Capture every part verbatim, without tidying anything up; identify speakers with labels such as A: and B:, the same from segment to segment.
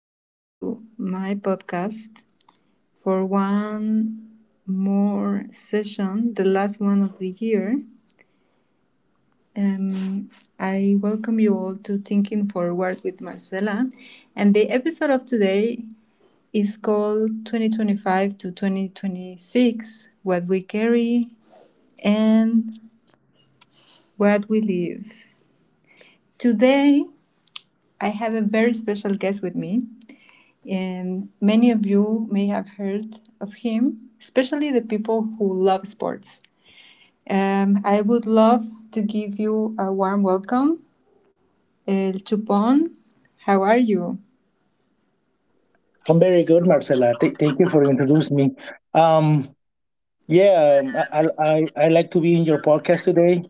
A: back to my podcast for one more session, the last one of the year. Um, I welcome you all to Thinking Forward with Marcela. And the episode of today is called twenty twenty-five to twenty twenty-six What We Carry and What We Live. Today, I have a very special guest with me. And many of you may have heard of him, especially the people who love sports. Um, I would love to give you a warm welcome, El Chupon. How are you?
B: I'm very good, Marcela. Th- thank you for introducing me. Um, yeah, um, I, I I I like to be in your podcast today,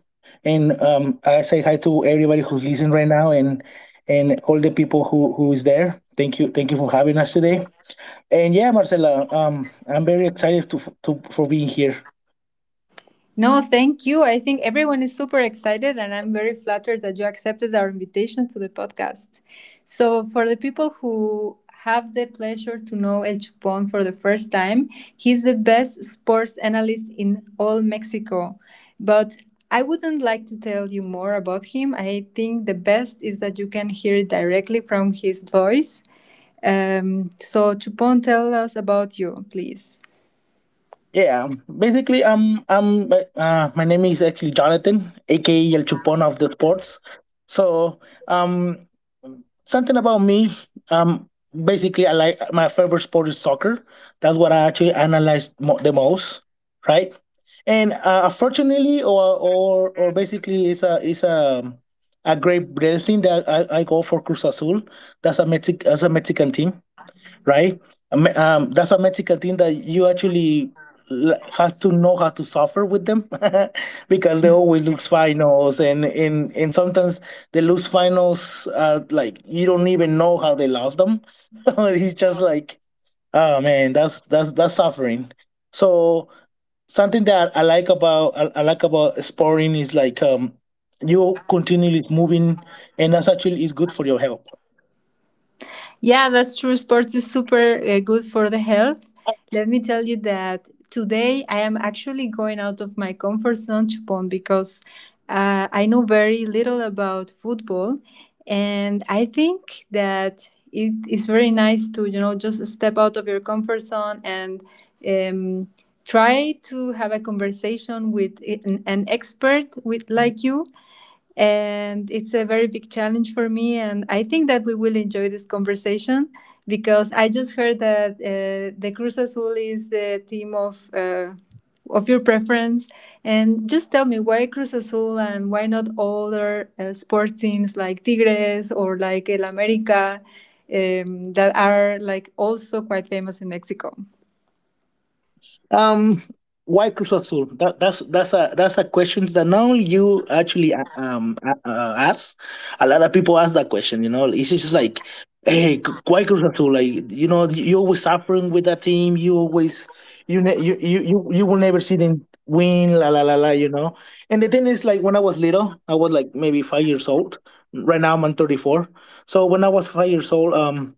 B: and um, I say hi to everybody who's listening right now, and and all the people who who is there. Thank you, thank you for having us today. And yeah, Marcela, um, I'm very excited to f- to for being here.
A: No, thank you. I think everyone is super excited, and I'm very flattered that you accepted our invitation to the podcast. So, for the people who have the pleasure to know El Chupon for the first time, he's the best sports analyst in all Mexico. But I wouldn't like to tell you more about him. I think the best is that you can hear it directly from his voice. Um, so, Chupon, tell us about you, please.
B: Yeah, um, basically, um, I'm uh, my name is actually Jonathan, aka El Chupon of the sports. So, um, Something about me. Um, Basically, I like my favorite sport is soccer. That's what I actually analyze mo- the most, right? And uh, unfortunately, or or or basically, it's a it's a a great blessing that I, I go for Cruz Azul. That's a Mexic that's a Mexican team, right? Um, um, that's a medical thing that you actually l- have to know how to suffer with them. Because they always lose finals, and, and, and sometimes they lose finals uh, like you don't even know how they lost them. It's just like, oh man, that's that's that's suffering. So something that I like about I, I like about sporting is like um, you continually moving, and that's actually is good for your health.
A: Yeah, that's true. Sports is super uh, good for the health. Let me tell you that today I am actually going out of my comfort zone, Chupon, because uh, I know very little about football. And I think that it is very nice to, you know, just step out of your comfort zone and um, try to have a conversation with an, an expert with like you, and it's a very big challenge for me, and I think that we will enjoy this conversation because I just heard that uh, the Cruz Azul is the team of uh, of your preference. And just tell me, why Cruz Azul and why not other uh, sports teams like Tigres or like El America, um, that are like also quite famous in Mexico?
B: Um, why Cruz Azul? That, that's that's a that's a question that not only you actually uh, um uh, uh, ask. A lot of people ask that question. You know, it's just like, hey, c- why Cruz Azul? Like, you know, you're always suffering with that team. You always you ne- you, you you you will never see them win. La la la la. You know. And the thing is, like, when I was little, I was like maybe five years old. Right now, I'm on thirty-four. So when I was five years old, um.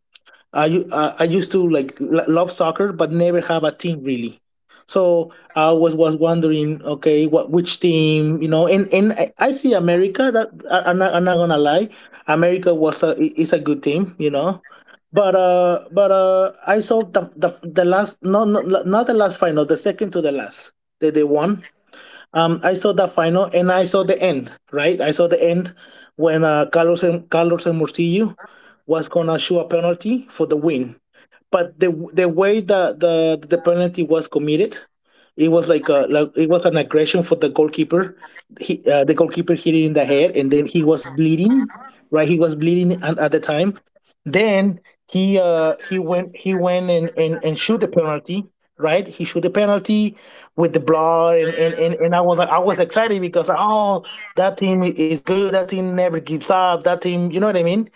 B: I u- uh, I used to like l- love soccer, but never have a team really. So I was was wondering, okay, what which team, you know? And and I I see America. That I, I'm not I'm not gonna lie, America was a i- is a good team, you know. But uh, but uh, I saw the the the last no, no not the last final, the second to the last that they won. Um, I saw the final and I saw the end, right? I saw the end when uh, Carlos and Carlos and Murcillo was gonna shoot a penalty for the win. But the the way the the, the penalty was committed, it was like a like it was an aggression for the goalkeeper. He uh, The goalkeeper hit it in the head and then he was bleeding, right? He was bleeding at, at the time, then he uh he went he went and and, and shoot the penalty, right? He shoot the penalty with the blood, and, and, and, and I was like I was excited because oh, that team is good, that team never gives up, that team, you know what I mean?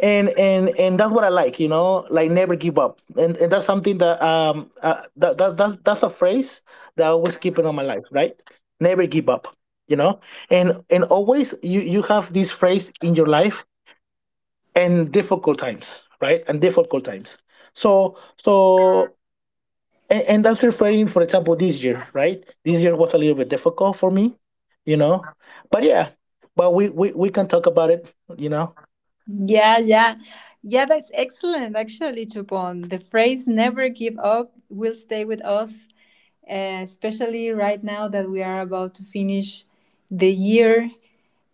B: And and and that's what I like, you know, like never give up. And and that's something that um uh, that, that that's that's a phrase that I always keep it on my life, right? Never give up, you know? And and always you you have this phrase in your life and difficult times, right? And difficult times. So so and, and that's referring, for example, this year, right? This year was a little bit difficult for me, you know. But yeah, but we we, we can talk about it, you know.
A: Yeah, yeah. Yeah, that's excellent, actually, Chupon. The phrase never give up will stay with us, uh, especially right now that we are about to finish the year,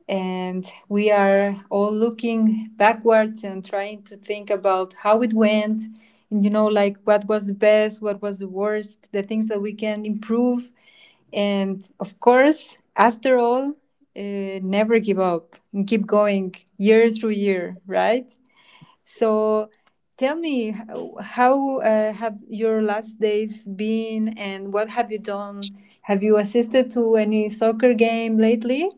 A: and we are all looking backwards and trying to think about how it went and, you know, like what was the best, what was the worst, the things that we can improve. And of course, after all, uh, never give up and keep going year through year, right? So tell me, how how, uh, have your last days been and what have you done? Have you assisted to any soccer game lately?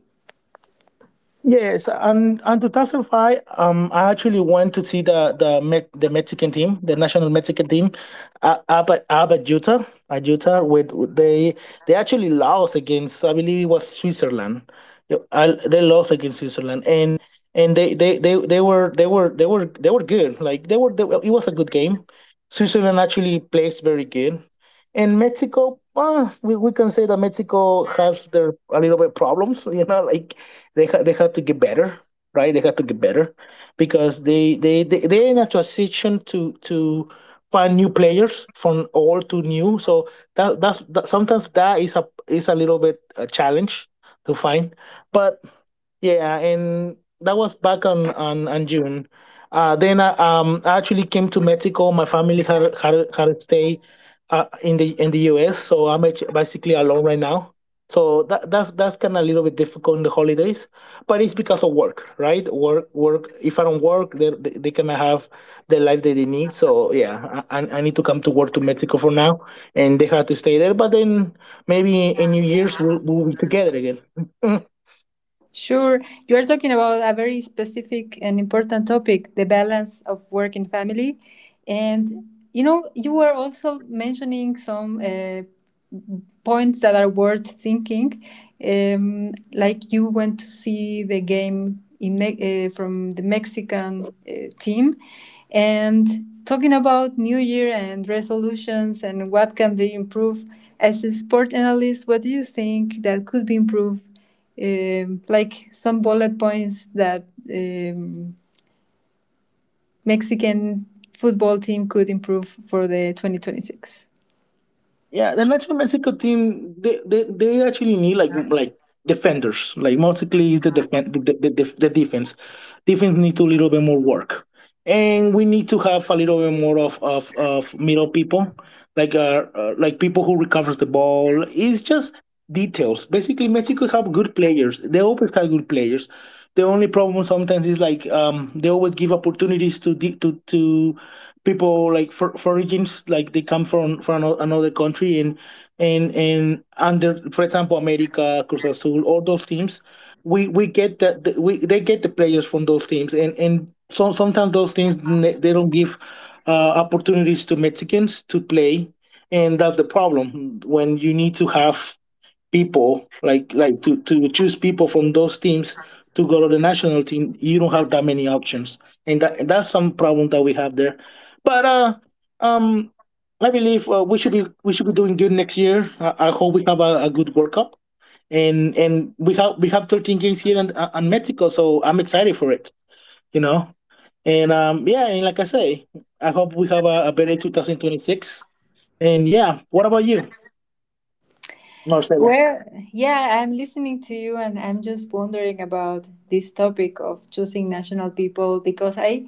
B: Yes, and and twenty oh five, um, I actually went to see the the Met, the Mexican team, the national Mexican team, uh, Abba Abba Utah, at Utah, with with- they they actually lost against I believe it was Switzerland. Yeah, I, they lost against Switzerland, and and they, they, they, they were they were they were they were good. Like they were, they, were- it was a good game. Switzerland actually plays very good, and Mexico, uh, we, we can say that Mexico has their a little bit problems. You know, like they ha- they had to get better, right? They had to get better because they they they they're in a transition to to find new players from old to new. So that that's that, sometimes that is a is a little bit a challenge to find, but yeah, and that was back on on, on June. Uh, then I, um, I actually came to Mexico. My family had had, had to stay uh, in the in the U S, so I'm actu- basically alone right now. So that, that's that's kind of a little bit difficult in the holidays, but it's because of work, right? Work, work. If I don't work, they they, they cannot have the life that they need. So yeah, I, I I need to come to work to Mexico for now, and they had to stay there. But then maybe in New Year's we'll, we'll be together again.
A: Sure. You are talking about a very specific and important topic, the balance of work and family. And you know, you were also mentioning some uh, points that are worth thinking. Um, like you went to see the game in Me- uh, from the Mexican uh, team, and talking about New Year and resolutions and what can they improve. As a sport analyst, what do you think that could be improved, um, like some bullet points that um, Mexican football team could improve for the twenty twenty-six?
B: Yeah, the national Mexico team they, they, they actually need like like defenders. Like mostly is the defense the, the, the, the defense. Defense needs a little bit more work, and we need to have a little bit more of of, of middle people like uh, uh, like people who recovers the ball. It's just details. Basically, Mexico have good players. They always have good players. The only problem sometimes is like um, they always give opportunities to di- to to people like for, for origins, like they come from from ano- another country, and and and under for example America, Cruz Azul, all those teams, we we get that that we they get the players from those teams, and and some sometimes those teams n- they don't give uh, opportunities to Mexicans to play, and that's the problem. When you need to have people like like to to choose people from those teams to go to the national team, you don't have that many options, and that that's some problem that we have there. But uh um I believe uh, we should be we should be doing good next year. I, I hope we have a, a good World Cup, and and we have we have thirteen games here in, uh, in Mexico, so I'm excited for it. You know, and um, yeah, and like I say, I hope we have a, a better two thousand twenty-six. And yeah, what about you, Marcelo?
A: Well, yeah, I'm listening to you and I'm just wondering about this topic of choosing national people because I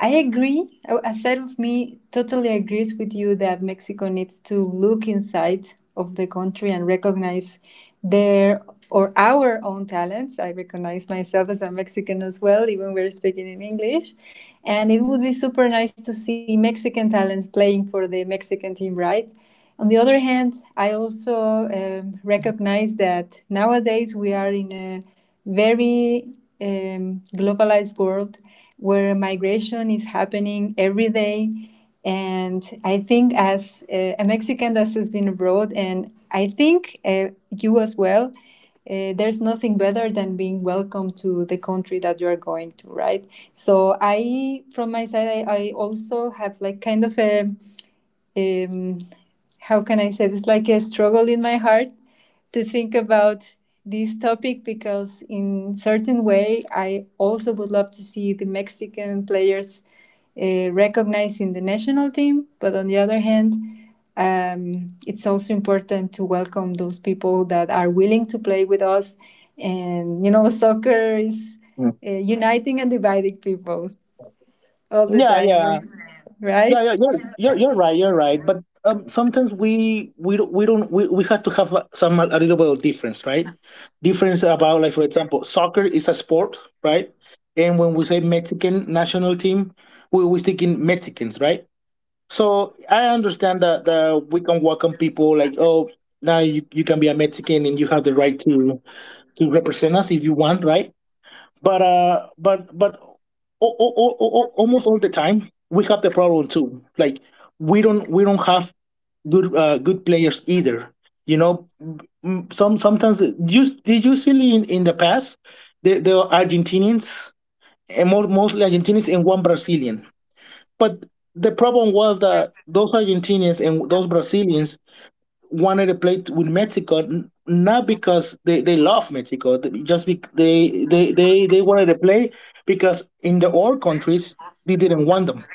A: I agree. A a side of me totally agrees with you that Mexico needs to look inside of the country and recognize their or our own talents. I recognize myself as a Mexican as well, even we're speaking in English. And it would be super nice to see Mexican talents playing for the Mexican team, right? On the other hand, I also um, recognize that nowadays we are in a very um, globalized world where migration is happening every day. And I think, as uh, a Mexican that has been abroad, and I think uh, you as well, uh, there's nothing better than being welcome to the country that you are going to, right? So I, from my side, I, I also have like kind of a um, how can I say this? Like a struggle in my heart to think about this topic because, in certain way, I also would love to see the Mexican players uh, recognized in the national team. But on the other hand, um, it's also important to welcome those people that are willing to play with us. And you know, soccer is
B: Mm.
A: uh, uniting and dividing people all the
B: Yeah,
A: time,
B: yeah. yeah
A: right?
B: yeah you're, you're, you're right, you're right but um, sometimes we we don't we don't we, we have to have like some a little bit of difference, right? Difference about like, for example, soccer is a sport, right? And when we say Mexican national team, we we think in Mexicans, right? So I understand that, that we can welcome people like, oh, now you, you can be a Mexican and you have the right to to represent us if you want, right? But uh, but but o- o- o- o- almost all the time we have the problem too. Like we don't we don't have good uh, good players either. You know. Mm, mm, some sometimes just they usually in, in the past they they were Argentinians, and more, mostly Argentinians and one Brazilian. But the problem was that those Argentinians and those Brazilians wanted to play with Mexico, not because they, they love Mexico, just bec they, they they they wanted to play because in the old countries they didn't want them.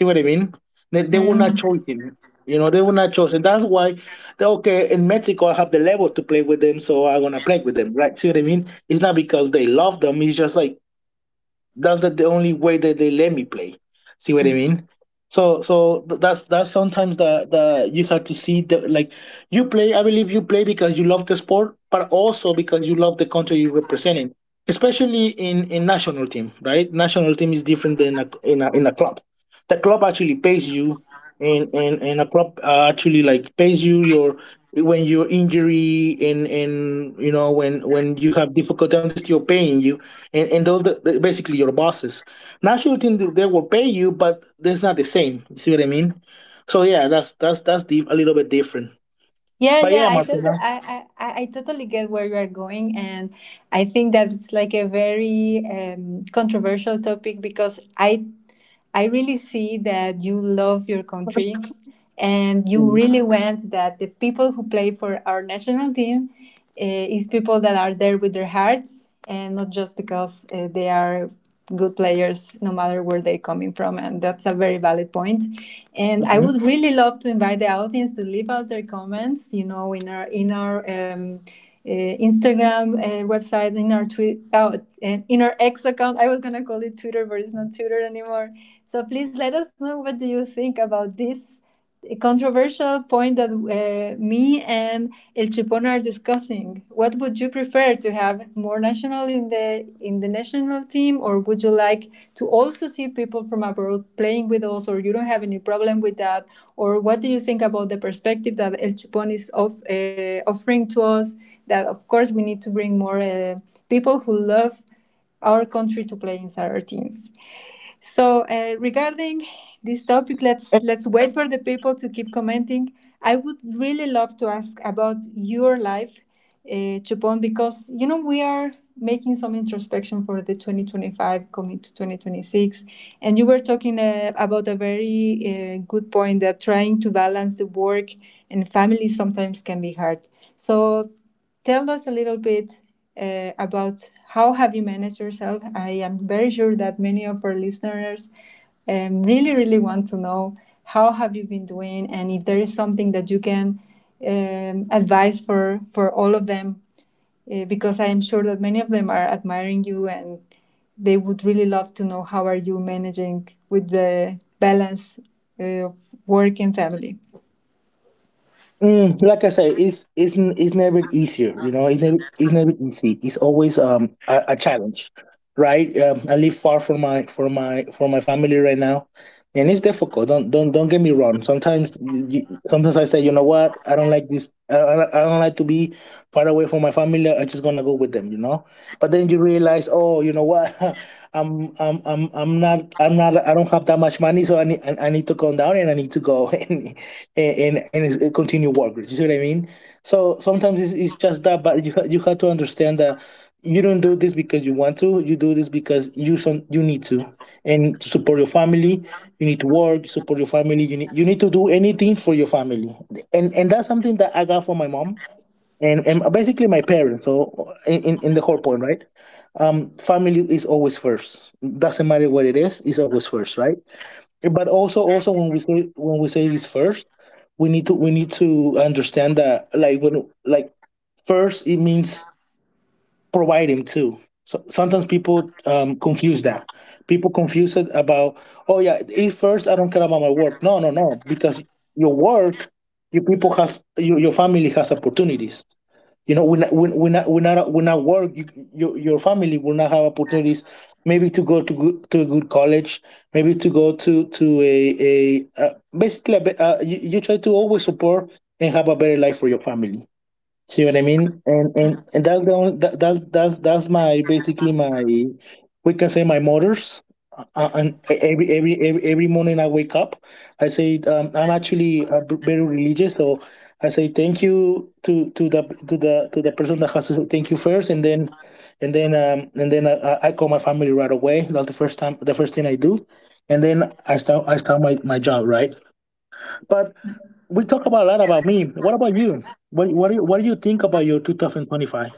B: You know what I mean? They, they were
A: Mm.
B: not chosen. You know, they were not chosen. That's why they okay in Mexico. I have the level to play with them, so I'm gonna play with them, right? See what I mean? It's not because they love them. It's just like that's the, the only way that they let me play, see what I mean? So so th- that's that's sometimes the the you have to see the like, you play, I believe you play because you love the sport, but also because you love the country you're representing, especially in in national team, right? National team is different than a, in a in a club. The club actually pays you, and and, and a club uh, actually like pays you your when your injury, and and you know when when you have difficult time, they're still paying you, and, and those the- basically your bosses. National team, they they will pay you, but that's not the same. You see what I mean? So yeah, that's that's that's the, a little bit different.
A: Yeah,
B: But
A: yeah,
B: yeah,
A: I totally,
B: Martina.
A: I, I, I I totally get where you are going, and I think that it's like a very um, controversial topic because I I really see that you love your country and you really want that the people who play for our national team uh, is people that are there with their hearts and not just because uh, they are good players no matter where they're coming from, and that's a very valid point point. And I would really love to invite the audience to leave us their comments, you know, in our in our um, uh, Instagram, uh, website, in our tweet oh, uh, in our X account. I was gonna call it Twitter, but it's not Twitter anymore. So please let us know, what do you think about this controversial point that uh, me and El Chipón are discussing? What would you prefer? To have more national in the in the national team, or would you like to also see people from abroad playing with us, or you don't have any problem with that, or what do you think about the perspective that El Chipón is of, uh, offering to us? That of course we need to bring more uh, people who love our country to play inside our teams. So uh, regarding this topic, let's let's wait for the people to keep commenting. I would really love to ask about your life, uh, Chupon, because you know we are making some introspection for the twenty twenty-five coming to twenty twenty-six, and you were talking uh, about a very uh, good point that trying to balance the work and family sometimes can be hard. So tell us a little bit uh, about how have you managed yourself. I am very sure that many of our listeners um, really really want to know how have you been doing, and if there is something that you can um, advise for for all of them, uh, because I am sure that many of them are admiring you and they would really love to know how are you managing with the balance uh, of work and family.
B: Mm, like I say, it's it's n- it's never easier. You know, it's never it's never easy. It's always um a, a challenge, right? Um, I live far from my from my from my family right now, and it's difficult. Don't don't don't get me wrong. Sometimes you, you- sometimes I say, you know what? I don't like this. I, I don't I don't like to be far away from my family. I just gonna go with them. You know. But then you realize, oh, you know what? I'm I'm I'm I'm not I'm not I don't have that much money, so I need I, I need to come down and I need to go and and, and continue working. You see what I mean? So sometimes it's, it's just that, but you ha- you have to understand that you don't do this because you want to. You do this because you son, you need to, and to support your family, you need to work. Support your family. You need you need to do anything for your family, and and that's something that I got from my mom and and basically my parents. So in in, in the whole point, right? Um, family is always first. Doesn't matter what it is, it's always first, right? But also also when we say when we say this first we need to we need to understand that, like, when, like, first it means provide him too. So sometimes people um, confuse that. People confuse it about, oh yeah, if first I don't care about my work. No, no, no, because your work, your people has your, your family has opportunities. You know, when when when I, when I, when I work, you, your your family will not have opportunities. Maybe to go to good, to a good college, maybe to go to to a a uh, basically a, be- uh, you, you try to always support and have a better life for your family. See what I mean? And and and that's the only, that, that's that's that's my basically my, we can say, my motors. Uh, uh, and e, every, every every every morning I wake up, I say, um, I'm actually uh, b- very religious, so I say thank you to to the to the to the person that has to say thank you first, and then and then um and then I, I I call my family right away. That's the first time the first thing I do, and then I start I start my, my job, right. But we talk about a lot about me. What about you? What what do you, what do you think about your two thousand twenty-five?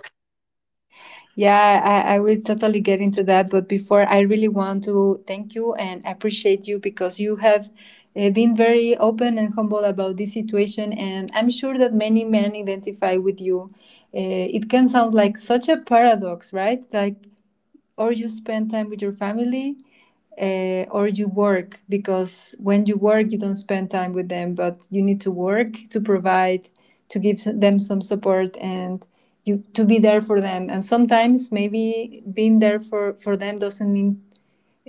A: Yeah, I, I will totally get into that. But before, I really want to thank you and appreciate you because you have uh, been very open and humble about this situation. And I'm sure that many men identify with you. Uh, it can sound like such a paradox, right? Like, or you spend time with your family uh, or you work, because when you work you don't spend time with them, but you need to work to provide, to give them some support, and you to be there for them. And sometimes maybe being there for for them doesn't mean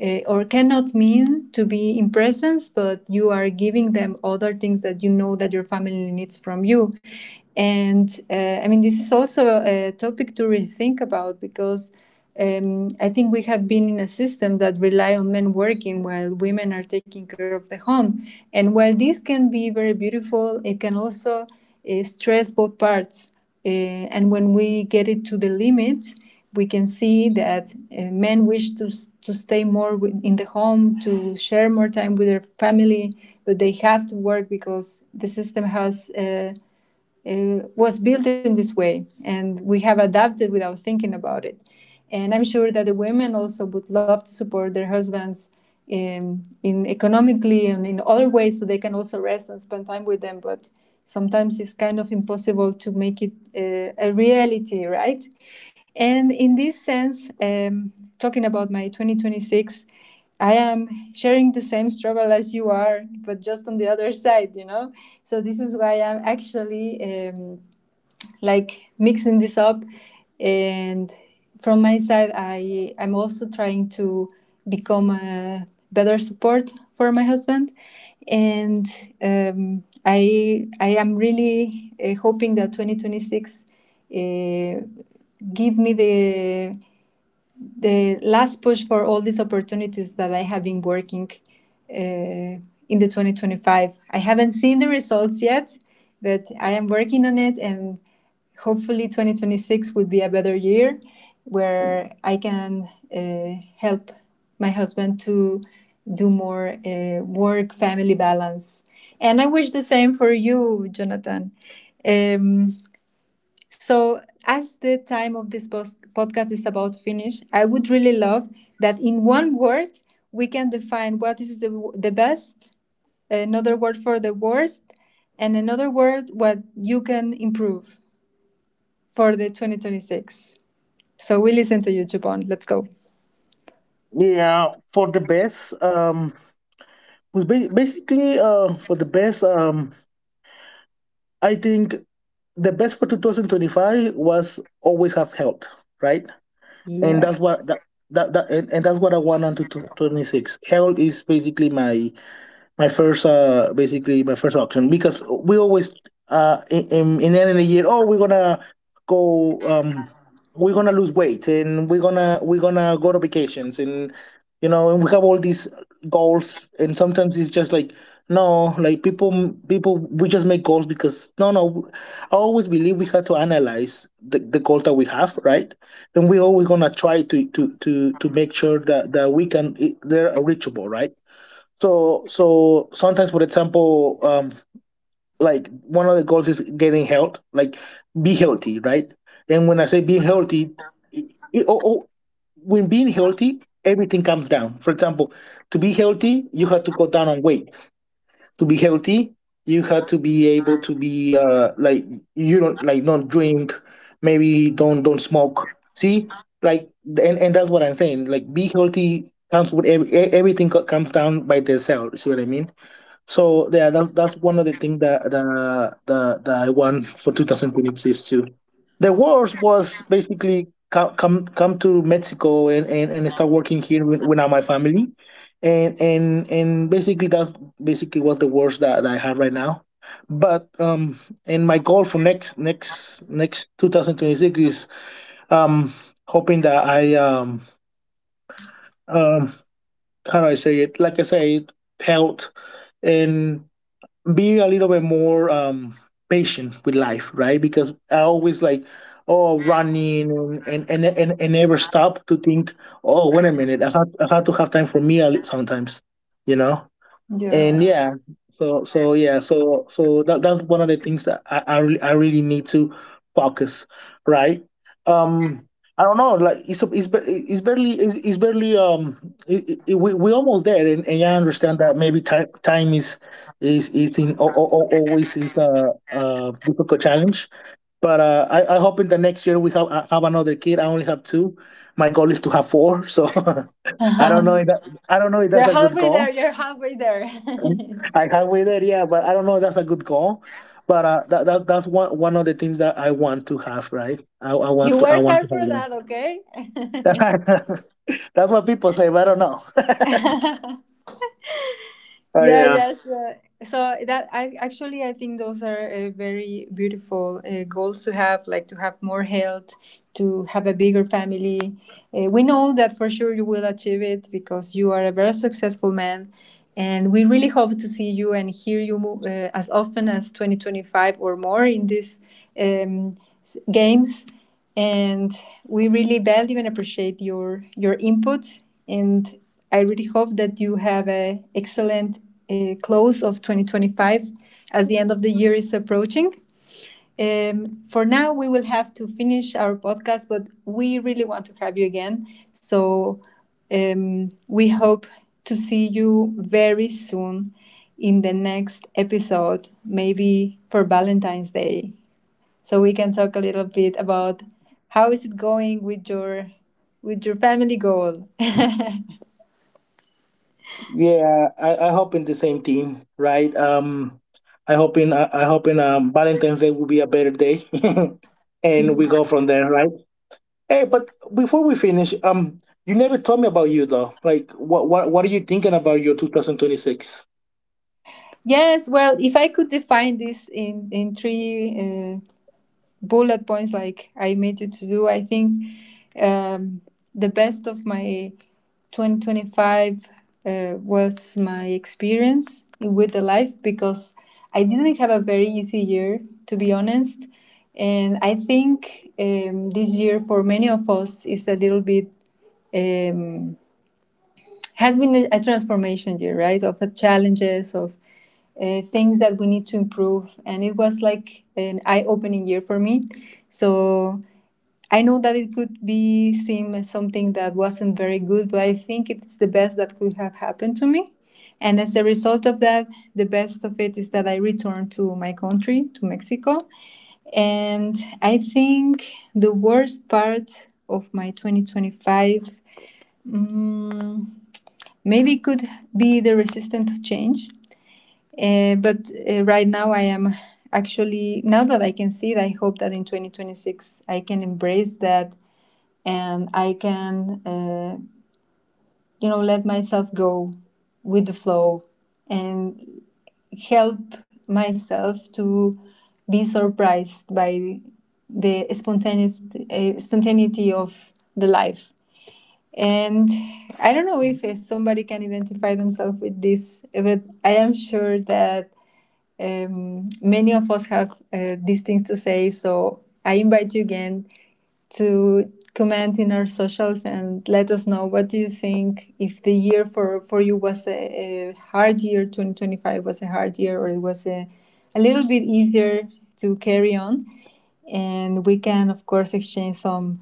A: uh, or cannot mean to be in presence, but you are giving them other things that you know that your family needs from you. And uh, I mean, this is also a topic to rethink about because um, I think we have been in a system that rely on men working while women are taking care of the home. And while this can be very beautiful, it can also uh, stress both parts. Uh, and when we get it to the limit, we can see that uh, men wish to, to stay more with, in the home, to share more time with their family, but they have to work because the system has uh, uh, was built in this way, and we have adapted without thinking about it. And I'm sure that the women also would love to support their husbands in, in economically and in other ways so they can also rest and spend time with them, but sometimes it's kind of impossible to make it uh, a reality, right? And in this sense um, talking about my twenty twenty-six, I am sharing the same struggle as you are, but just on the other side, you know? So, this is why I'm actually um, like mixing this up. And from my side, I, I'm also trying to become a better support for my husband. And um, I, I am really uh, hoping that twenty twenty-six uh, give me the the last push for all these opportunities that I have been working uh, in the twenty twenty-five. I haven't seen the results yet, but I am working on it, and hopefully twenty twenty-six would be a better year where I can uh, help my husband to do more uh, work family balance. And I wish the same for you, Jonathan. Um, so, as the time of this pos- podcast is about to finish, I would really love that in one word we can define what is the, w- the best, another word for the worst, and another word what you can improve for the twenty twenty-six. So, we listen to you, Jupon. Let's go.
B: Yeah, for the best. Um, was ba- basically, uh, for the best. Um, I think the best for two thousand twenty-five was always have health, right? And
A: Yeah,
B: that's what that that, that and, and that's what I want on to twenty-six. Health is basically my my first uh basically my first auction, because we always uh in in the end of the year, oh, we're gonna go, um we're gonna lose weight, and we're gonna we're gonna go to vacations. And, you know, and we have all these goals, and sometimes it's just like, no, like, people people we just make goals because, no, no, I always believe we have to analyze the, the goals that we have, right? And we're always gonna try to to to to make sure that that we can, they're reachable, right? So so sometimes, for example, um, like, one of the goals is getting health, like, be healthy, right? And when I say being healthy, it, it- oh, oh, when being healthy, everything comes down. For example, to be healthy, you have to go down on weight. To be healthy, you have to be able to be uh like, you don't like, don't drink, maybe don't don't smoke. See, like and and that's what I'm saying. Like, be healthy comes with every, e- everything co- comes down by the cell. You see what I mean? So yeah, that, that's one of the things that that, that that I want for two thousand twenty-six too. The worst was basically come come, come to Mexico and, and, and start working here with, with my family, and and and basically that's basically was the worst that, that I have right now. But um, and my goal for next next next two thousand twenty-six is um hoping that I um um how do I say it? Like I said, health and be a little bit more um, patient with life, right? Because I always like, oh, running and and and, and, never stop to think, oh, wait a minute, I had, I had to have time for me a li- sometimes, you know.
A: you're
B: And yeah,
A: right.
B: so so yeah so so that, that's one of the things that I, I really I really need to focus, right? um I don't know, like, it's it's, ba- it's barely it's, it's barely um it, it, we, we almost there, and, and I understand that maybe time time is is is in al- al- al- always is a, a difficult challenge. But uh I, I hope in the next year we have, I have another kid. I only have two. My goal is to have four, so I don't know if that, I don't know if that's
A: You're
B: a good
A: halfway there.
B: goal.
A: You're halfway there.
B: I halfway there, yeah, but I don't know if that's a good goal, but uh, that, that that's one one of the things that I want to have, right? I, I
A: You
B: want to I
A: work
B: want to
A: hard
B: have
A: for
B: one.
A: that, okay?
B: That's what people say, but I don't know. Oh
A: Yeah,
B: yeah,
A: yes. Uh, so that I actually I think those are uh, very beautiful uh, goals to have, like to have more health, to have a bigger family. Uh, we know that for sure you will achieve it because you are a very successful man, and we really hope to see you and hear you mo- uh, as often as twenty twenty-five or more in these um, s- games, and we really value and appreciate your your input, and I really hope that you have a excellent uh, close of twenty twenty-five as the end of the year is approaching. Um, for now we will have to finish our podcast, but we really want to have you again. So um, we hope to see you very soon in the next episode, maybe for Valentine's Day, so we can talk a little bit about how is it going with your with your family goal.
B: yeah. I I hope in the same thing, right? Um, I hope in I, I hope in um Valentine's Day will be a better day, and we go from there, right? Hey, but before we finish, um, you never told me about you though. Like, what what what are you thinking about your two thousand twenty-six?
A: Yes, well, if I could define this in in three uh, bullet points, like I made you to do. I think um, the best of my twenty twenty-five uh, was my experience with the life, because I didn't have a very easy year, to be honest. And I think um, this year for many of us is a little bit um, has been a transformation year, right? Of uh, challenges, of uh, things that we need to improve. And it was like an eye opening year for me. So I know that it could be seen as something that wasn't very good, but I think it's the best that could have happened to me. And as a result of that, the best of it is that I returned to my country, to Mexico. And I think the worst part of my twenty twenty-five, mm, maybe could be the resistant to change. Uh, but uh, right now, I am actually, now that I can see it, I hope that in twenty twenty-six I can embrace that and I can, uh, you know, let myself go with the flow and help myself to be surprised by the spontaneous, uh, spontaneity of the life. And I don't know if uh, somebody can identify themselves with this, but I am sure that um, many of us have uh, these things to say. So I invite you again to comment in our socials and let us know what do you think, if the year for, for you was a, a hard year, twenty twenty-five was a hard year, or it was a, a little bit easier to carry on, and we can of course exchange some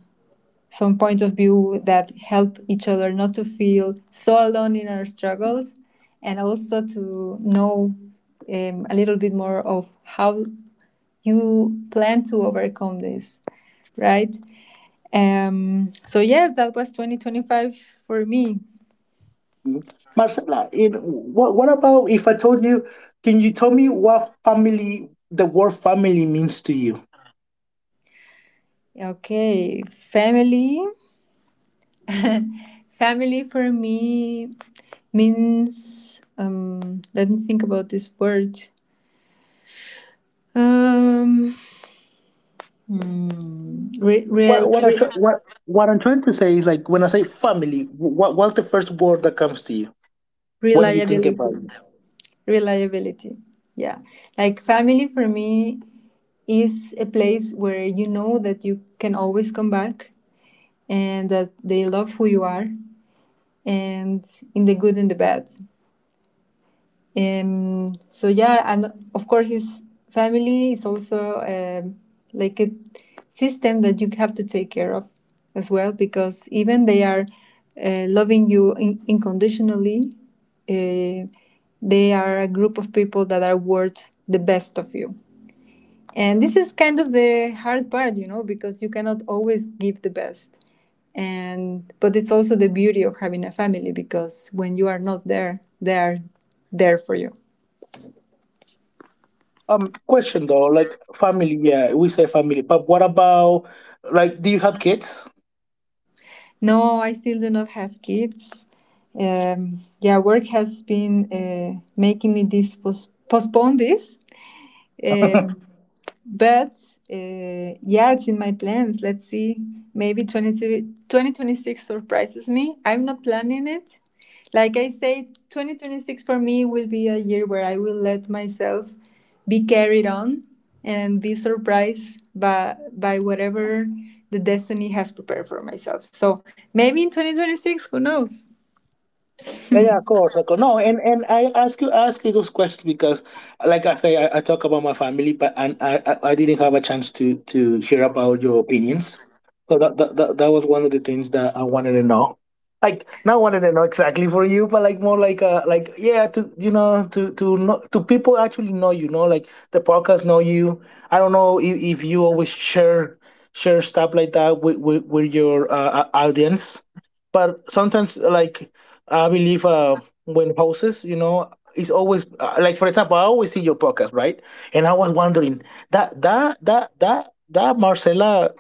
A: some point of view that help each other not to feel so alone in our struggles, and also to know um, a little bit more of how you plan to overcome this, right? Um, so yes, that was twenty twenty-five for me.
B: Mhm. Marcela, it, what, what about if I told you, can you tell me what family, the word family means to you?
A: Okay, family family for me means um, let me think about this word. um, hmm, re-
B: What,
A: real,
B: what, I
A: re-
B: try, what, what I'm trying to say is like, when I say family, wh- what, what's the first word that comes to you? What do you think
A: Reliability.
B: about it?
A: Reliability, yeah. Like family for me is a place where you know that you can always come back and that they love who you are, and in the good and the bad. Um, so yeah, and of course, his family is also um, like a system that you have to take care of as well, because even they are uh, loving you in- unconditionally, uh, they are a group of people that are worth the best of you. And this is kind of the hard part, you know, because you cannot always give the best. And but it's also the beauty of having a family, because when you are not there, they are there for you.
B: Um, question though, like, family, yeah, we say family, but what about, like, do you have kids?
A: No, I still do not have kids. Um, yeah, work has been uh, making me this pos- postpone this, um, but uh, yeah, it's in my plans. Let's see. Maybe 22 twenty twenty-six surprises me. I'm not planning it. Like I say, twenty twenty-six for me will be a year where I will let myself be carried on and be surprised by, by whatever the destiny has prepared for myself. So maybe in twenty twenty-six, who knows?
B: Yeah, yeah, of course, of course. No, and and I ask you, ask you those questions because, like I say, I, I talk about my family, but, and I I I didn't have a chance to to hear about your opinions. So that that that, that was one of the things that I wanted to know. Like, not wanted to know exactly for you, but like, more like, uh like yeah, to, you know, to to know, to people actually know, you know, like, the podcast know you. I don't know if, if you always share share stuff like that with with, with your uh, au- audience, but sometimes, like, I believe, uh, when houses, you know, it's always, uh, like, for example, I always see your podcast, right? And I was wondering that that that that that Marcela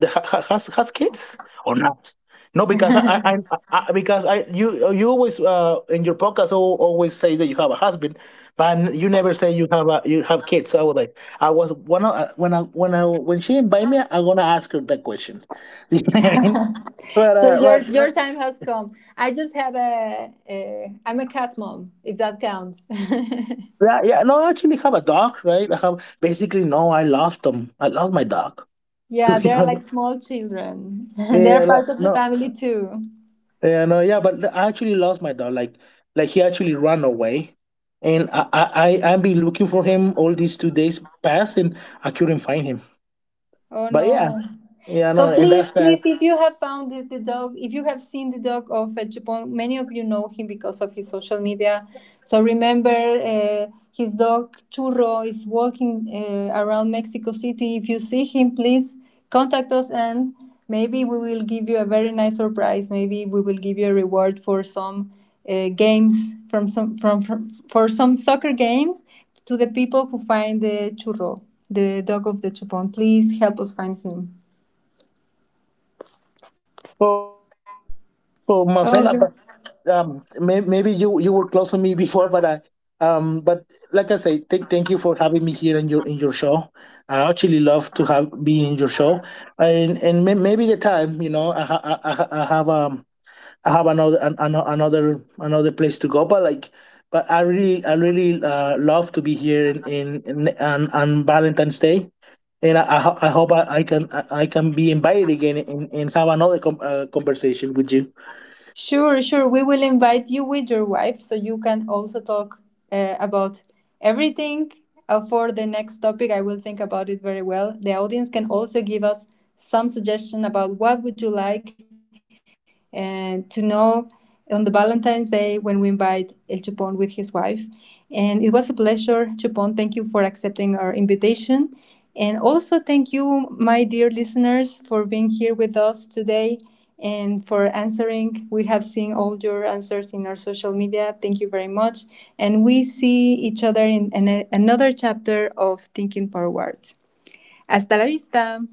B: the, ha, ha- has has kids or not? No, because I, I, I, I, because I you you always, uh, in your podcast, al- always say that you have a husband, but you never say you have a, you have kids. So I was like, I was, when I when I when I when she invite me, I'm gonna ask her that question. You know what I mean? But
A: So
B: uh,
A: your
B: but
A: your time has come. I just have a, a I'm a cat mom, if that counts.
B: yeah, yeah. No, I actually have a dog, right? I have basically no. I lost them. I lost my dog. To
A: Yeah,
B: be
A: they're like
B: honest,
A: small children. They're
B: yeah, like,
A: part of the
B: no,
A: family too.
B: yeah, no, yeah. But I actually lost my dog. Like, like he actually ran away, and I, I, I I've been looking for him all these two days past, and I couldn't find him.
A: Oh
B: But yeah,
A: no.
B: yeah, no,
A: So
B: and
A: please,
B: that's
A: please,
B: sad
A: if you have found the, the dog, if you have seen the dog of uh, Chupón, many of you know him because of his social media. So remember, uh, his dog Churro is walking uh, around Mexico City. If you see him, please contact us, and maybe we will give you a very nice surprise. Maybe we will give you a reward for some uh, games from some from, from for some soccer games, to the people who find the Churro, the dog of the Chupon. Please help us find him.
B: for
A: Okay.
B: Marcela. Um may, maybe you you were close to me before, but I um but like I say, thank thank you for having me here in your, in your show. I actually love to have be in your show, and and may, maybe the time, you know, i ha- I, I, ha- I have, um I have another, an, an, another another place to go, but, like, but I really I really, uh, love to be here in, in, in on, on Valentine's Day, and I, I, ho- I hope I, I can, I, I can be invited again, and, and have another com- uh, conversation with you.
A: Sure, sure. We will invite you with your wife so you can also talk uh, about everything. Uh, for the next topic, I will think about it very well. The audience can also give us some suggestion about what would you like and to know on the Valentine's Day when we invite El Chupon with his wife. And it was a pleasure, Chupon. Thank you for accepting our invitation. And also, thank you, my dear listeners, for being here with us today and for answering. We have seen all your answers in our social media. Thank you very much. And we see each other in, an another chapter of Thinking Forward. Hasta la vista.